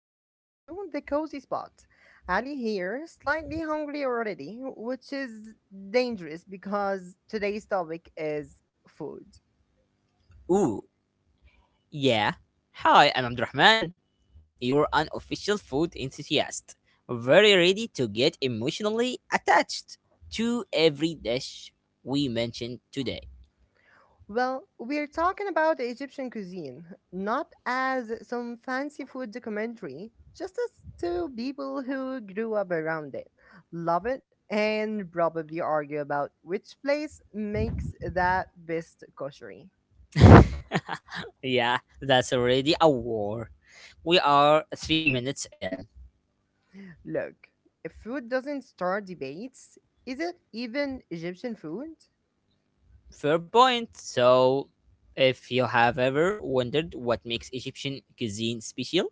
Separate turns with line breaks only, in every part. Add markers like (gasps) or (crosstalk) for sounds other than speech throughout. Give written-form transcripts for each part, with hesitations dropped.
back to the Cozy Spot. Ali here, slightly hungry already, which is dangerous because today's topic is food.
Ooh, yeah. Hi, I'm Abdurrahman. You're an official food enthusiast, very ready to get emotionally attached to every dish we mentioned today.
Well, we're talking about Egyptian cuisine, not as some fancy food documentary, just as two people who grew up around it, love it, and probably argue about which place makes that best koshery.
Yeah, that's already a war. We are 3 minutes in.
Look, if food doesn't start debates, is it even Egyptian food?
Fair point. So, if you have ever wondered what makes Egyptian cuisine special,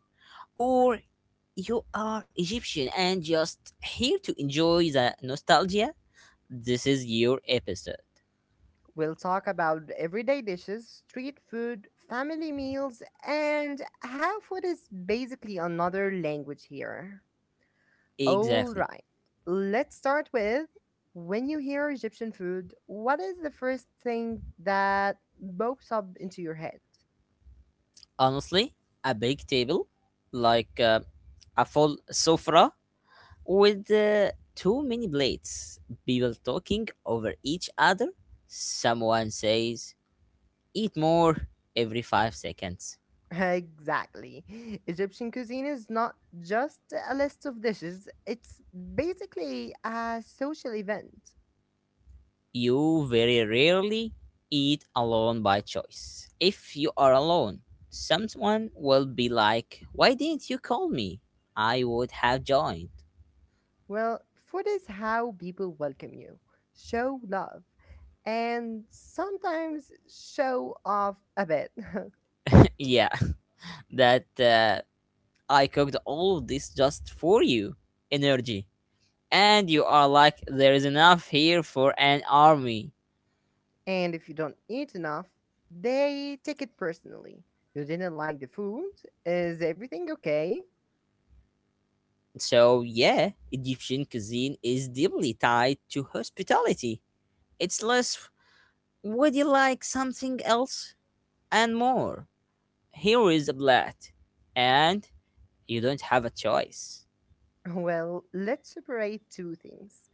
or you are Egyptian and just here to enjoy the nostalgia, this is your episode.
We'll talk about everyday dishes, street food, family meals, and how food is basically another language here. All
Exactly.
right, let's start with when you hear Egyptian food, what is the first thing that pops up into your head?
Honestly, a big table, like a full sofa with too many plates. People talking over each other. Someone says, eat more every 5 seconds.
Exactly. Egyptian cuisine is not just a list of dishes, it's basically a social event.
You very rarely eat alone by choice. If you are alone, someone will be like, why didn't you call me? I would have joined.
Well, food is how people welcome you, show love, and sometimes show off a bit. (laughs)
(laughs) Yeah, that I cooked all of this just for you. Energy. And you are like, there is enough here for an army.
And if you don't eat enough, they take it personally. You didn't like the food? Is everything okay? (laughs)
So, yeah, Egyptian cuisine is deeply tied to hospitality. It's less, would you like something else? And more, here is a blood, and you don't have a choice.
Well, let's separate two things,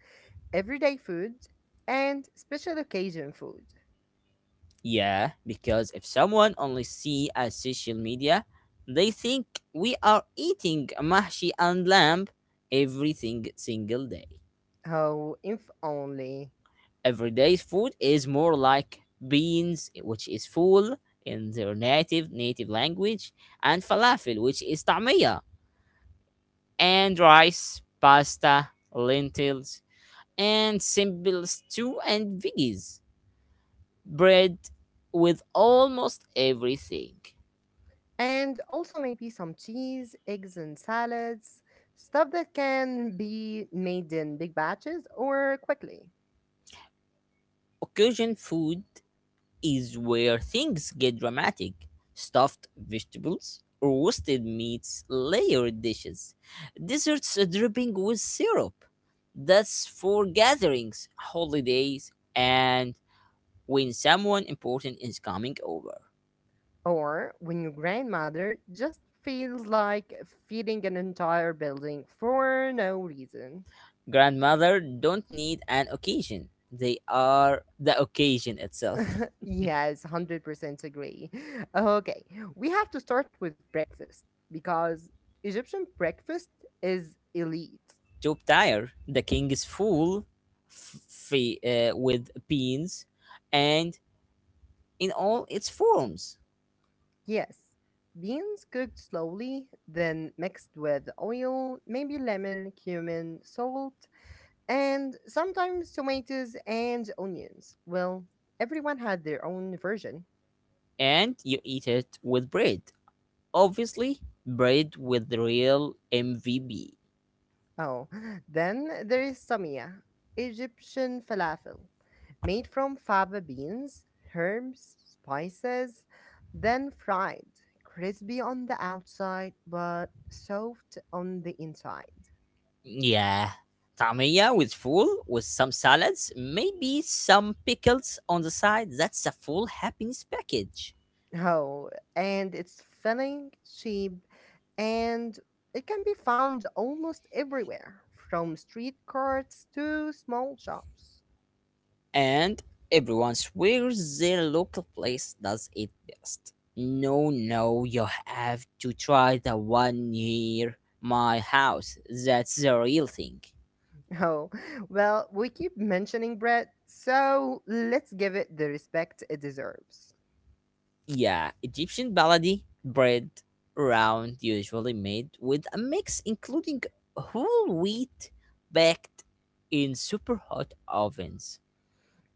everyday food and special occasion food.
Yeah, because if someone only see us social media, they think we are eating mahshi and lamb single day.
Oh, if only.
Every day's food is more like beans, which is full in their native language, and falafel, which is tamia, and rice, pasta, lentils, and simple stew and veggies, bread with almost everything.
And also maybe some cheese, eggs, and salads. Stuff that can be made in big batches or quickly.
Occasion food is where things get dramatic: stuffed vegetables, roasted meats, layered dishes, desserts dripping with syrup. That's for gatherings, holidays, and when someone important is coming over.
Or when your grandmother just feels like feeding an entire building for no reason.
Grandmother don't need an occasion. They are the occasion itself.
(laughs) Yes, 100% agree. Okay, we have to start with breakfast because Egyptian breakfast is elite.
Jotire, the king is full, f- with beans, and in all its forms,
Yes, beans cooked slowly, then mixed with oil, maybe lemon, cumin, salt, and sometimes tomatoes and onions. Well, everyone had their own version.
and you eat it with bread. Obviously, bread with the real MVB.
Oh, (gasps) (laughs) then there is samia, Egyptian falafel, made from fava beans, herbs, spices, then fried, crispy on the outside but soft on the inside.
Yeah. Tamaya with full, with some salads, maybe some pickles on the side. That's a full happiness package.
Oh, and it's filling, cheap, and it can be found almost everywhere, from street carts to small shops.
And everyone swears their local place does it best. No, no, you have to try the one near my house. That's the real thing.
Oh, well, we keep mentioning bread, so let's give it the respect it deserves.
Yeah, Egyptian baladi bread, round, usually made with a mix including whole wheat, baked in super hot ovens.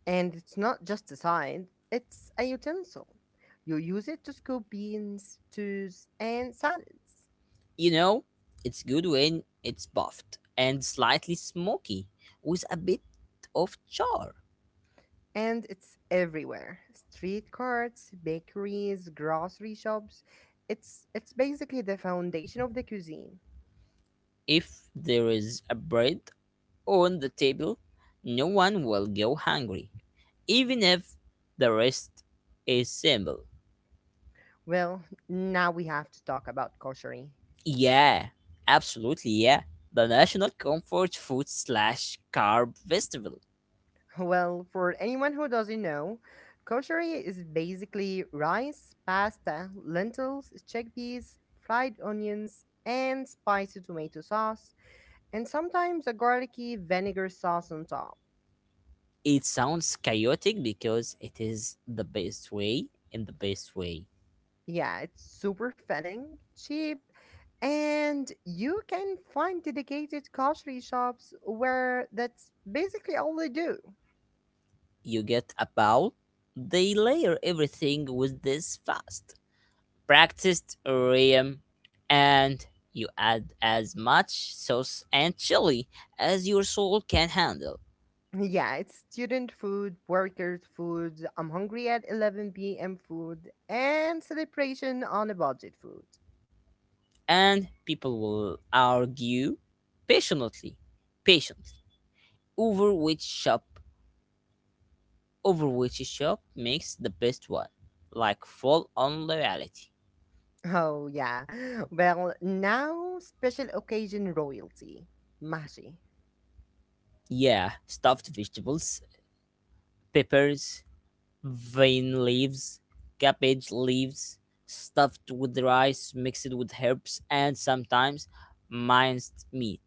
And it's not just a side, it's a utensil. You use it to scoop beans, stews, and salads.
You know, it's good when it's buffed and slightly smoky with a bit of char.
And it's everywhere. Street carts, bakeries, grocery shops. It's basically the foundation of the cuisine.
If there is a bread on the table, no one will go hungry, even if the rest is simple.
Well, now we have to talk about koshari.
Yeah, absolutely, yeah. The national comfort food slash carb festival.
Well, for anyone who doesn't know, koshari is basically rice, pasta, lentils, chickpeas, fried onions, and spicy tomato sauce, and sometimes a garlicky vinegar sauce on top.
It sounds chaotic because it is, the best way, in the best way.
Yeah, it's super fitting, cheap, and you can find dedicated grocery shops where that's basically all they do.
You get a bowl, they layer everything with this fast practiced rhythm, and you add as much sauce and chili as your soul can handle.
Yeah, it's student food, workers food, I'm hungry at 11 p.m. food, and celebration on a budget food.
And people will argue patiently, patiently, over which shop, over which shop makes the best one. Like full on loyalty.
Oh, yeah. Well, now special occasion royalty. Mashi.
Yeah, stuffed vegetables, peppers, vein leaves, cabbage leaves, stuffed with rice, mixed with herbs, and sometimes minced meat.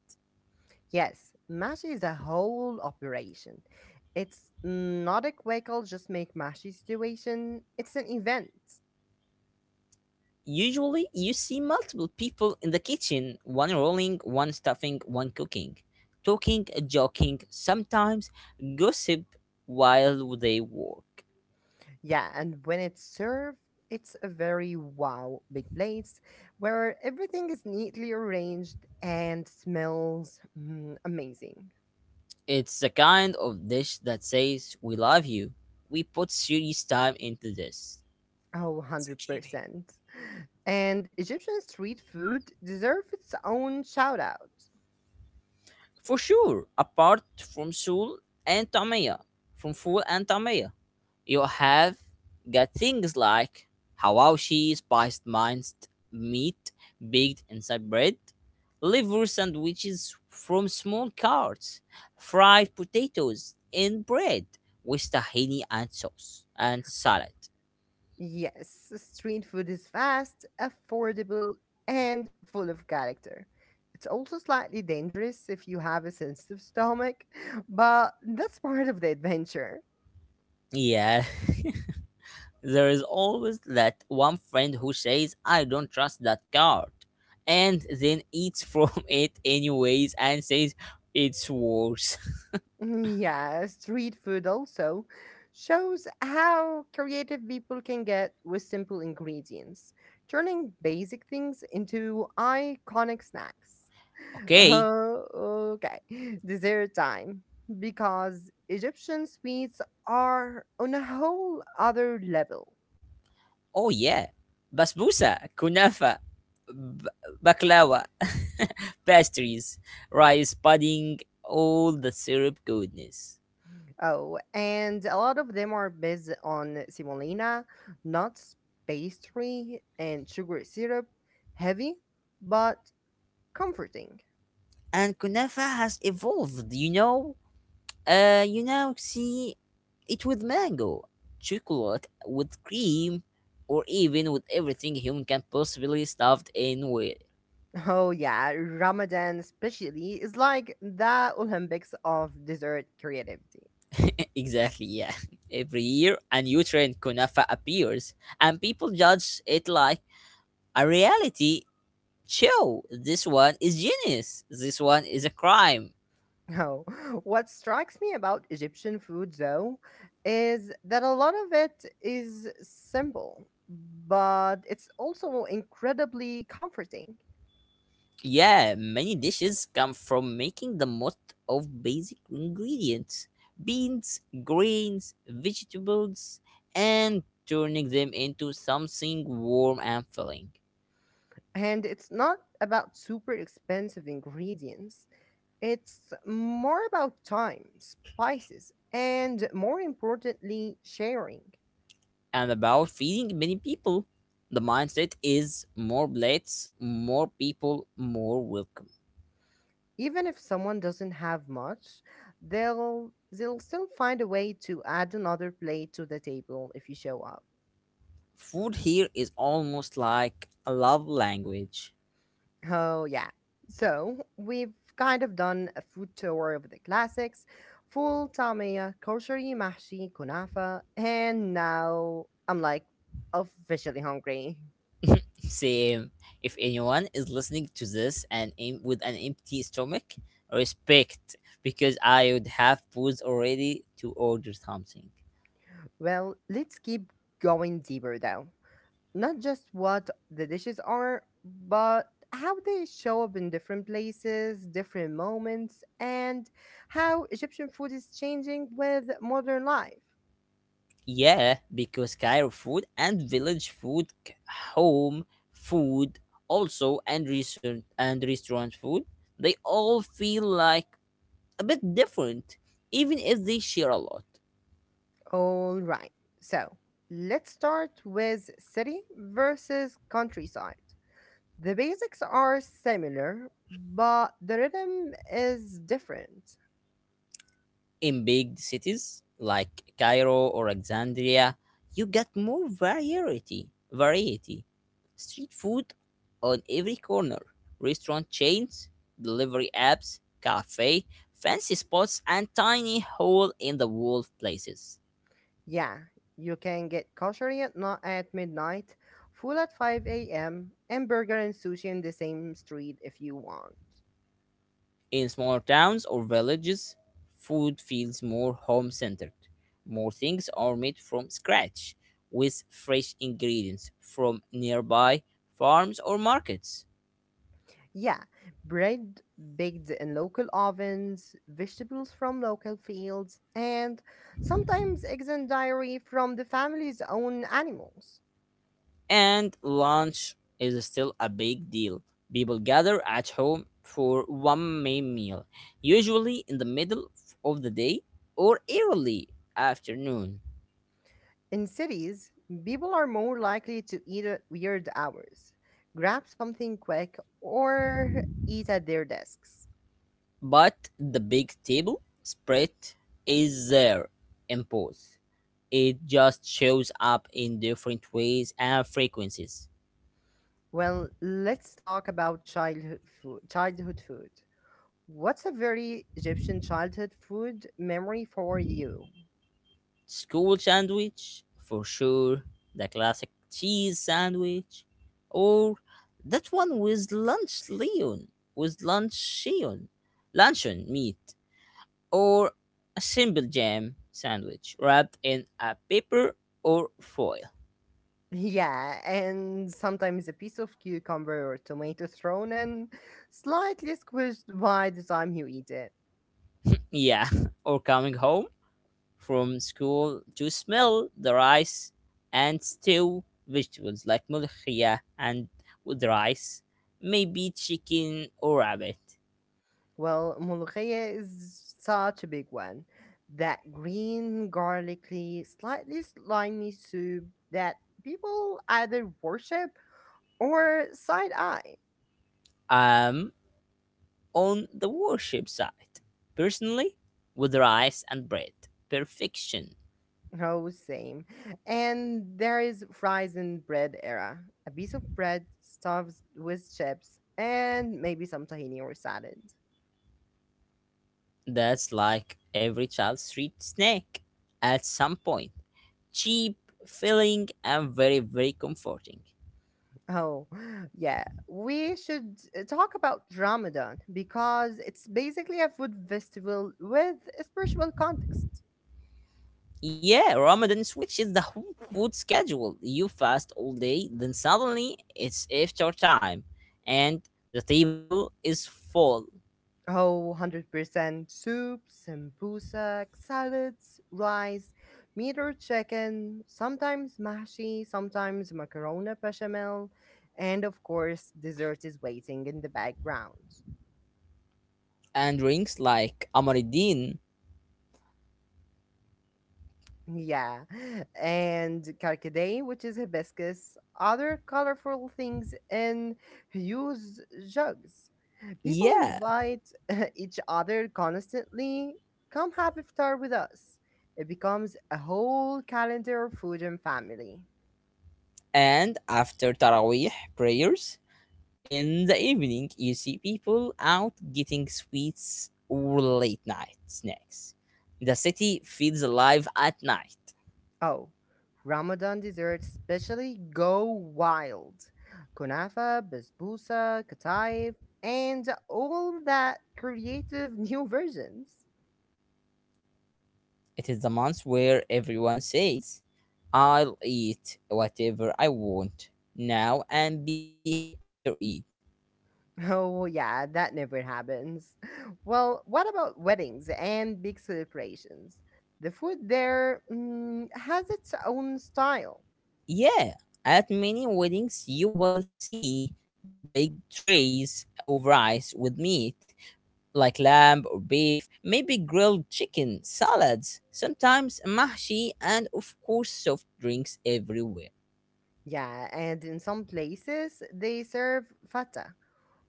Yes, mashi is a whole operation. It's not a quick I'll just make mashi situation. It's an event.
Usually, you see multiple people in the kitchen, one rolling, one stuffing, one cooking, talking, joking, sometimes gossip while they work.
Yeah, and when it's served, it's a very wow big place where everything is neatly arranged and smells mm, amazing.
It's the kind of dish that says, we love you. We put serious time into this.
Oh, 100%. And Egyptian street food deserves its own shout out.
For sure, apart from Seoul and Tamiya, from Seoul and Tamiya, you have got things like hawashi, spiced minced meat baked inside bread, liver sandwiches from small carts, fried potatoes in bread with tahini and sauce and salad.
Yes, street food is fast, affordable, and full of character. It's also slightly dangerous if you have a sensitive stomach, (laughs) but that's part of the adventure.
Yeah, there is always that one friend who says, I don't trust that card, and then eats from (laughs) it anyways and says, it's worse. (laughs)
Mm, yeah, street food also shows how creative people can get with simple ingredients, turning basic things into iconic snacks.
Okay.
Oh, okay. Dessert time. Because Egyptian sweets are on a whole other level.
Oh, yeah. Basbousa, kunafa, b- baklawa, (laughs) pastries, rice pudding, all the syrup goodness.
Oh, and a lot of them are based on semolina, nuts, pastry, and sugar syrup. Heavy, but comforting.
And kunafa has evolved, you know? See it with mango, chocolate, with cream, or even with everything human can possibly stuffed in with.
Oh, yeah. Ramadan, especially, is like the Olympics of dessert creativity.
(laughs) Exactly, yeah. (laughs) Every year, a new trend kunafa appears, and people judge it like a reality show. This one is genius. This one is a crime.
No. (laughs) What strikes me about Egyptian food, though, is that a lot of it is simple, but it's also incredibly comforting.
Yeah, many dishes come from making the most of basic ingredients: beans, grains, vegetables, and turning them into something warm and filling.
And it's not about super expensive ingredients, it's more about time, spices, and more importantly, sharing.
And about feeding many people, the mindset is more plates, more people, more welcome.
Even if someone doesn't have much, they'll still find a way to add another plate to the table if you show up.
Food here is almost like a love language.
Oh, yeah. So we've kind of done a food tour of the classics, full tamia, koshari, mahshi, kunafa, and now I'm like officially hungry.
Same. If anyone is listening to this and aim with an empty stomach, respect, because I would have paused already to order something.
Well, let's keep going deeper though. Not just what the dishes are, but how they show up in different places, different moments, and how Egyptian food is changing with modern life.
Yeah, because Cairo food and village food, home food also, and restaurant food, they all feel like a bit different, even if they share a lot.
All right. So let's start with city versus countryside. The basics are similar, but the rhythm is different.
In big cities like Cairo or Alexandria, you get more variety. Street food on every corner, restaurant chains, delivery apps, cafe, fancy spots and tiny hole in the wall places.
Yeah, you can get kosher at, not at midnight, full at 5 a.m., and burger and sushi in the same street if you want.
In smaller towns or villages, food feels more home centered. More things are made from scratch with fresh ingredients from nearby farms or markets.
Yeah, bread baked in local ovens, vegetables from local fields, and sometimes eggs and dairy from the family's own animals.
And lunch is still a big deal. People gather at home for one main meal, usually in the middle of the day or early afternoon.
In cities, people are more likely to eat at weird hours, grab something quick, or eat at their desks.
But the big table spread is there in both. It just shows up in different ways and frequencies.
Well, let's talk about childhood food. Childhood food. What's a very Egyptian childhood food memory for you?
School sandwich, for sure. The classic cheese sandwich. Or that one with lunch leon. With luncheon. Luncheon meat. Or a simple jam sandwich wrapped in a paper or foil.
Yeah, and sometimes a piece of cucumber or tomato thrown in, slightly squished by the time you eat it.
Yeah, (laughs) or coming home from school to smell the rice and stew vegetables like mulchia and with rice, maybe chicken or rabbit.
Well, ملوخية is such a big one. That green, garlicky, slightly slimy soup that people either worship or side eye.
Um, on the worship side. Personally, with rice and bread, perfection.
Oh, same. And there is fries and bread era. A piece of bread stuffed with chips and maybe some tahini or salad.
That's like every child's street snack at some point. Cheap, filling, and very, very comforting.
Oh, (laughs) yeah. We should talk about Ramadan because it's basically a food festival with a spiritual context.
Yeah, Ramadan switches the whole food schedule. You fast all day, then suddenly it's iftar time, and the table is full.
Oh, 100% soups, sambusa, salads, rice, meat or chicken, sometimes mashi, sometimes macarona bechamel, and of course, dessert is waiting in the background.
And drinks like Amaridin.
Yeah. And carcadet, which is hibiscus, other colorful things in huge jugs. People
Yeah,
invite (laughs) each other constantly. Come have iftar with us. It becomes a whole calendar of food and family.
and after Taraweeh prayers, in the evening, you see people out getting sweets or late night snacks. The city feels alive at night.
Oh, Ramadan desserts especially go wild. Kunafa, basbousa, kataif, and all that creative (laughs) new versions.
It is the month where everyone says, I'll eat whatever I want now and be healthy after it.
Oh, well, yeah, that never happens. (laughs) Well, what about weddings and big celebrations? The food there mm, has its own style.
Yeah, at many weddings, you will see big trays of rice with meat like lamb or beef, maybe grilled chicken, salads, sometimes mahshi, and of course, soft drinks everywhere.
Yeah, and in some places they serve fata,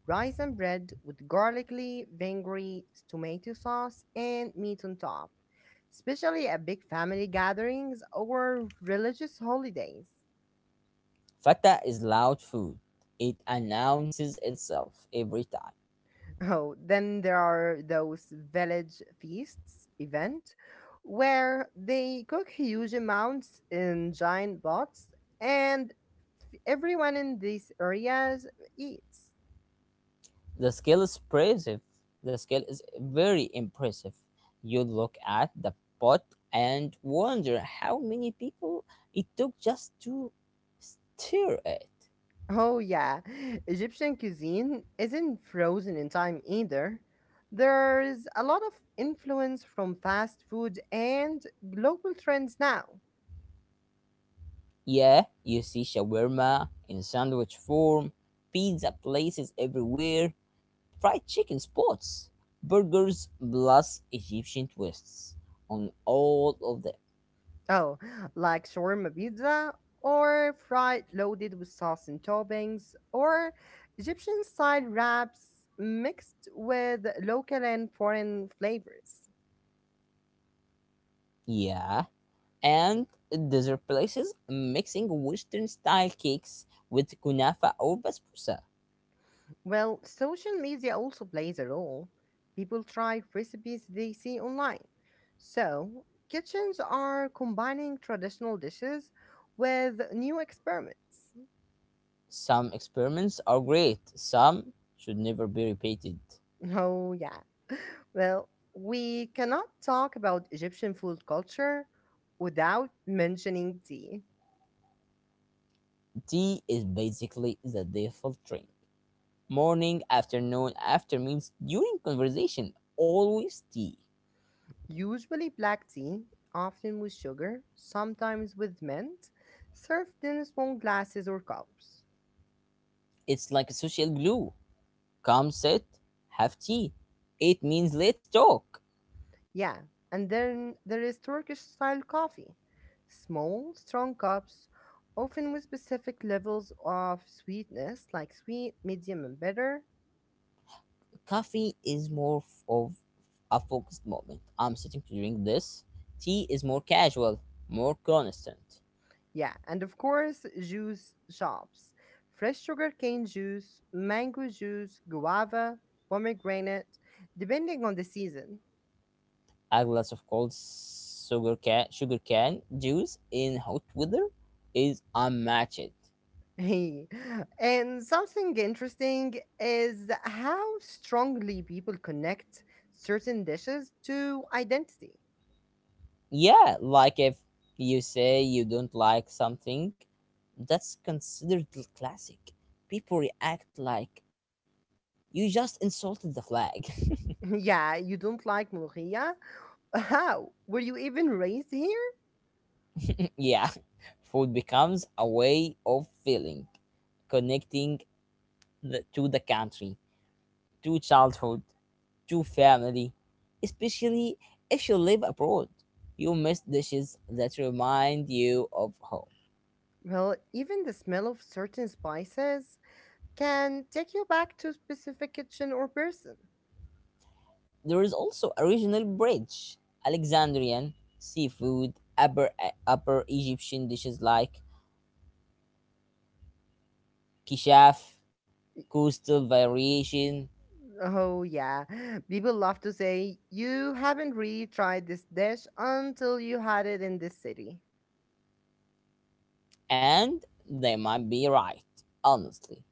rice and bread with garlicky, vinegary, tomato sauce, and meat on top, especially at big family gatherings or religious holidays.
Fata is loud food. It announces itself every time.
Oh, then there are those village feasts event where they cook huge amounts in giant pots and everyone in these areas eats.
The scale is impressive. The scale is very impressive. You look at the pot and wonder how many people it took just to stir it.
Oh yeah, Egyptian cuisine isn't frozen in time either. There's a lot of influence from fast food and global trends now.
Yeah, you see shawarma in sandwich form, pizza places everywhere, fried chicken spots, burgers plus Egyptian twists on all of them.
Oh, like shawarma pizza or fried loaded with sauce and toppings or Egyptian style wraps mixed with local and foreign flavors.
Yeah, and dessert places mixing Western style cakes with kunafa or basbousa.
Well, social media also plays a role. People try recipes they see online. So, kitchens are combining traditional dishes with new experiments.
Some experiments are great, some should never be repeated.
Oh, yeah. (laughs) Well, we cannot talk about Egyptian food culture without mentioning tea.
Tea is basically the default drink. Morning, afternoon, after meals, during conversation, always tea.
Usually black tea, often with sugar, sometimes with mint, served in small glasses or cups.
It's like a social glue. Come sit, have tea. It means let's talk.
Yeah, and then there is Turkish style coffee. Small, strong cups, often with specific levels of sweetness like sweet, medium, and bitter.
Coffee is more of a focused moment. I'm sitting to drink this. Tea is more casual, more constant.
Yeah, and of course, juice shops. Fresh sugarcane juice, mango juice, guava, pomegranate, depending on the season. (laughs)
A glass of cold sugar can juice in hot weather is unmatched.
And something interesting is how strongly people connect certain dishes to identity.
Yeah, like if you say you don't like something, that's considered classic. People react like you just insulted the flag. (laughs)
(laughs) Yeah, you don't like mulhiya? How? Were you even raised here?
Yeah, (laughs) food becomes a way of feeling, connecting to the country, to childhood, to family, especially if you live abroad. You miss dishes that remind you of home.
Well, even the smell of certain spices can take you back to a specific kitchen or person.
There is also a regional bridge: Alexandrian, seafood, upper Egyptian dishes like kishaf, coastal variation,
Oh, yeah. People love to say, you haven't really tried this dish until you had it in this city.
and they might be right, honestly.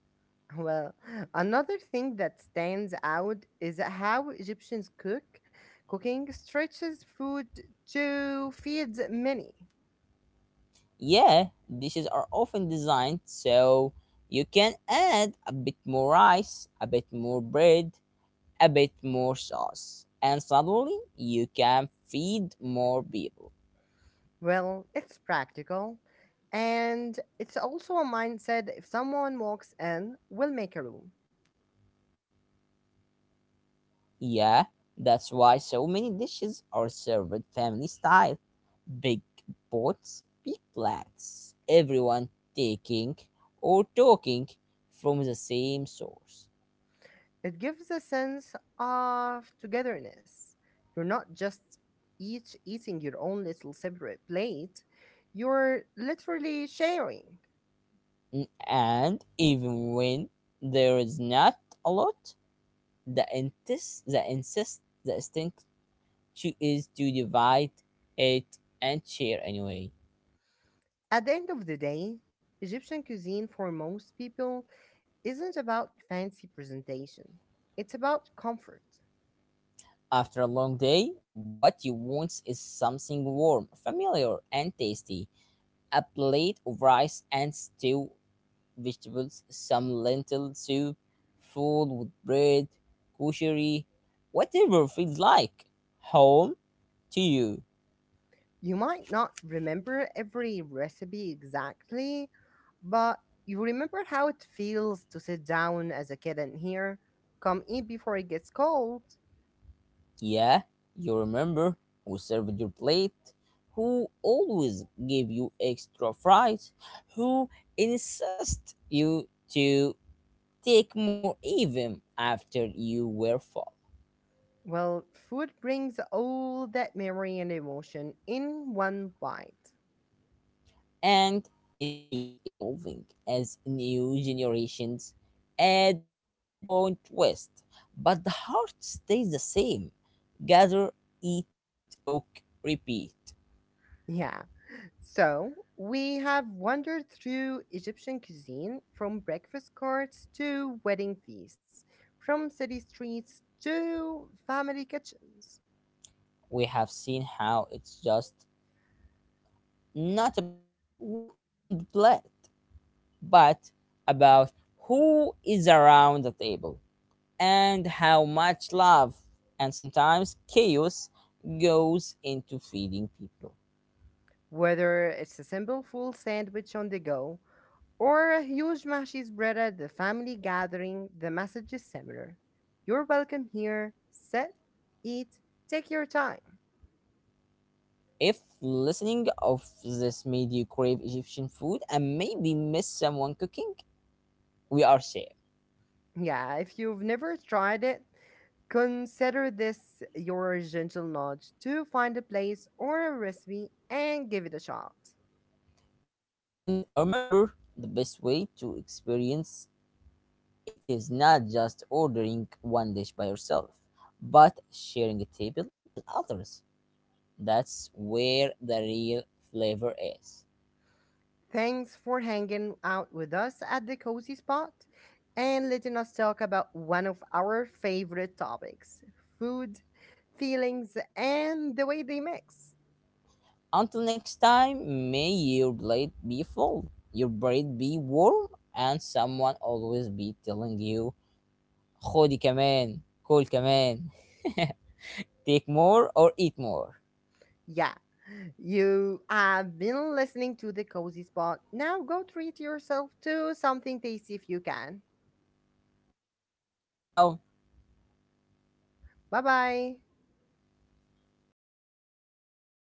Well, another thing that stands out is how Egyptians cook. Cooking stretches food to feed many.
Yeah, dishes are often designed so you can add a bit more rice, a bit more bread, a bit more sauce, and suddenly you can feed more people.
Well, it's practical. And it's also a mindset, if someone walks in, we'll make a room.
Yeah, that's why so many dishes are served family style, big pots, big plates, everyone taking or talking from the same source.
It gives a sense of togetherness. You're not just each eating your own little separate plate, you're literally sharing.
And even when there is not a lot, the instinct to, is to divide it and share anyway.
At the end of the day, Egyptian cuisine for most people isn't about fancy presentation, it's about comfort.
After a long day, what you want is something warm, familiar, and tasty. A plate of rice and stew, vegetables, some lentil soup, food with bread, kosher, whatever feels like home to you.
You might not remember every recipe exactly, but you remember how it feels to sit down as a kid and hear, come eat before it gets cold.
Yeah, you remember who served your plate, who always gave you extra fries, who insist you to take more even after you were full.
Well, food brings all that memory and emotion in one bite.
And it keeps evolving as new generations add their own twist. But the heart stays the same. Gather, eat, talk, repeat.
Yeah. So, we have wandered through Egyptian cuisine from breakfast cards to wedding feasts, from city streets to family kitchens.
We have seen how it's just not about what's on the plate, but about who is around the table, and how much love and sometimes chaos goes into feeding people.
Whether it's a simple full sandwich on the go or a huge mashi spread at the family gathering, the message is similar. You're welcome here. Sit, eat, take your time.
If listening of this made you crave Egyptian food and maybe miss someone cooking, we are safe.
Yeah, if you've never tried it, consider this your gentle nudge to find a place or a recipe and give it a shot.
And remember, the best way to experience it is not just ordering one dish by yourself, but sharing a table with others. That's where the real flavor is.
Thanks for hanging out with us at the Cozy Spot and letting us talk about one of our favorite topics, food, feelings, and the way they mix.
Until next time, may your blade be full, your blade be warm, and someone always be telling you, خدي كمان, كل كمان, (laughs) take more or eat more.
Yeah, you have been listening to the Cozy Spot. Now go treat yourself to something tasty if you can.
Bye for now.
Bye bye.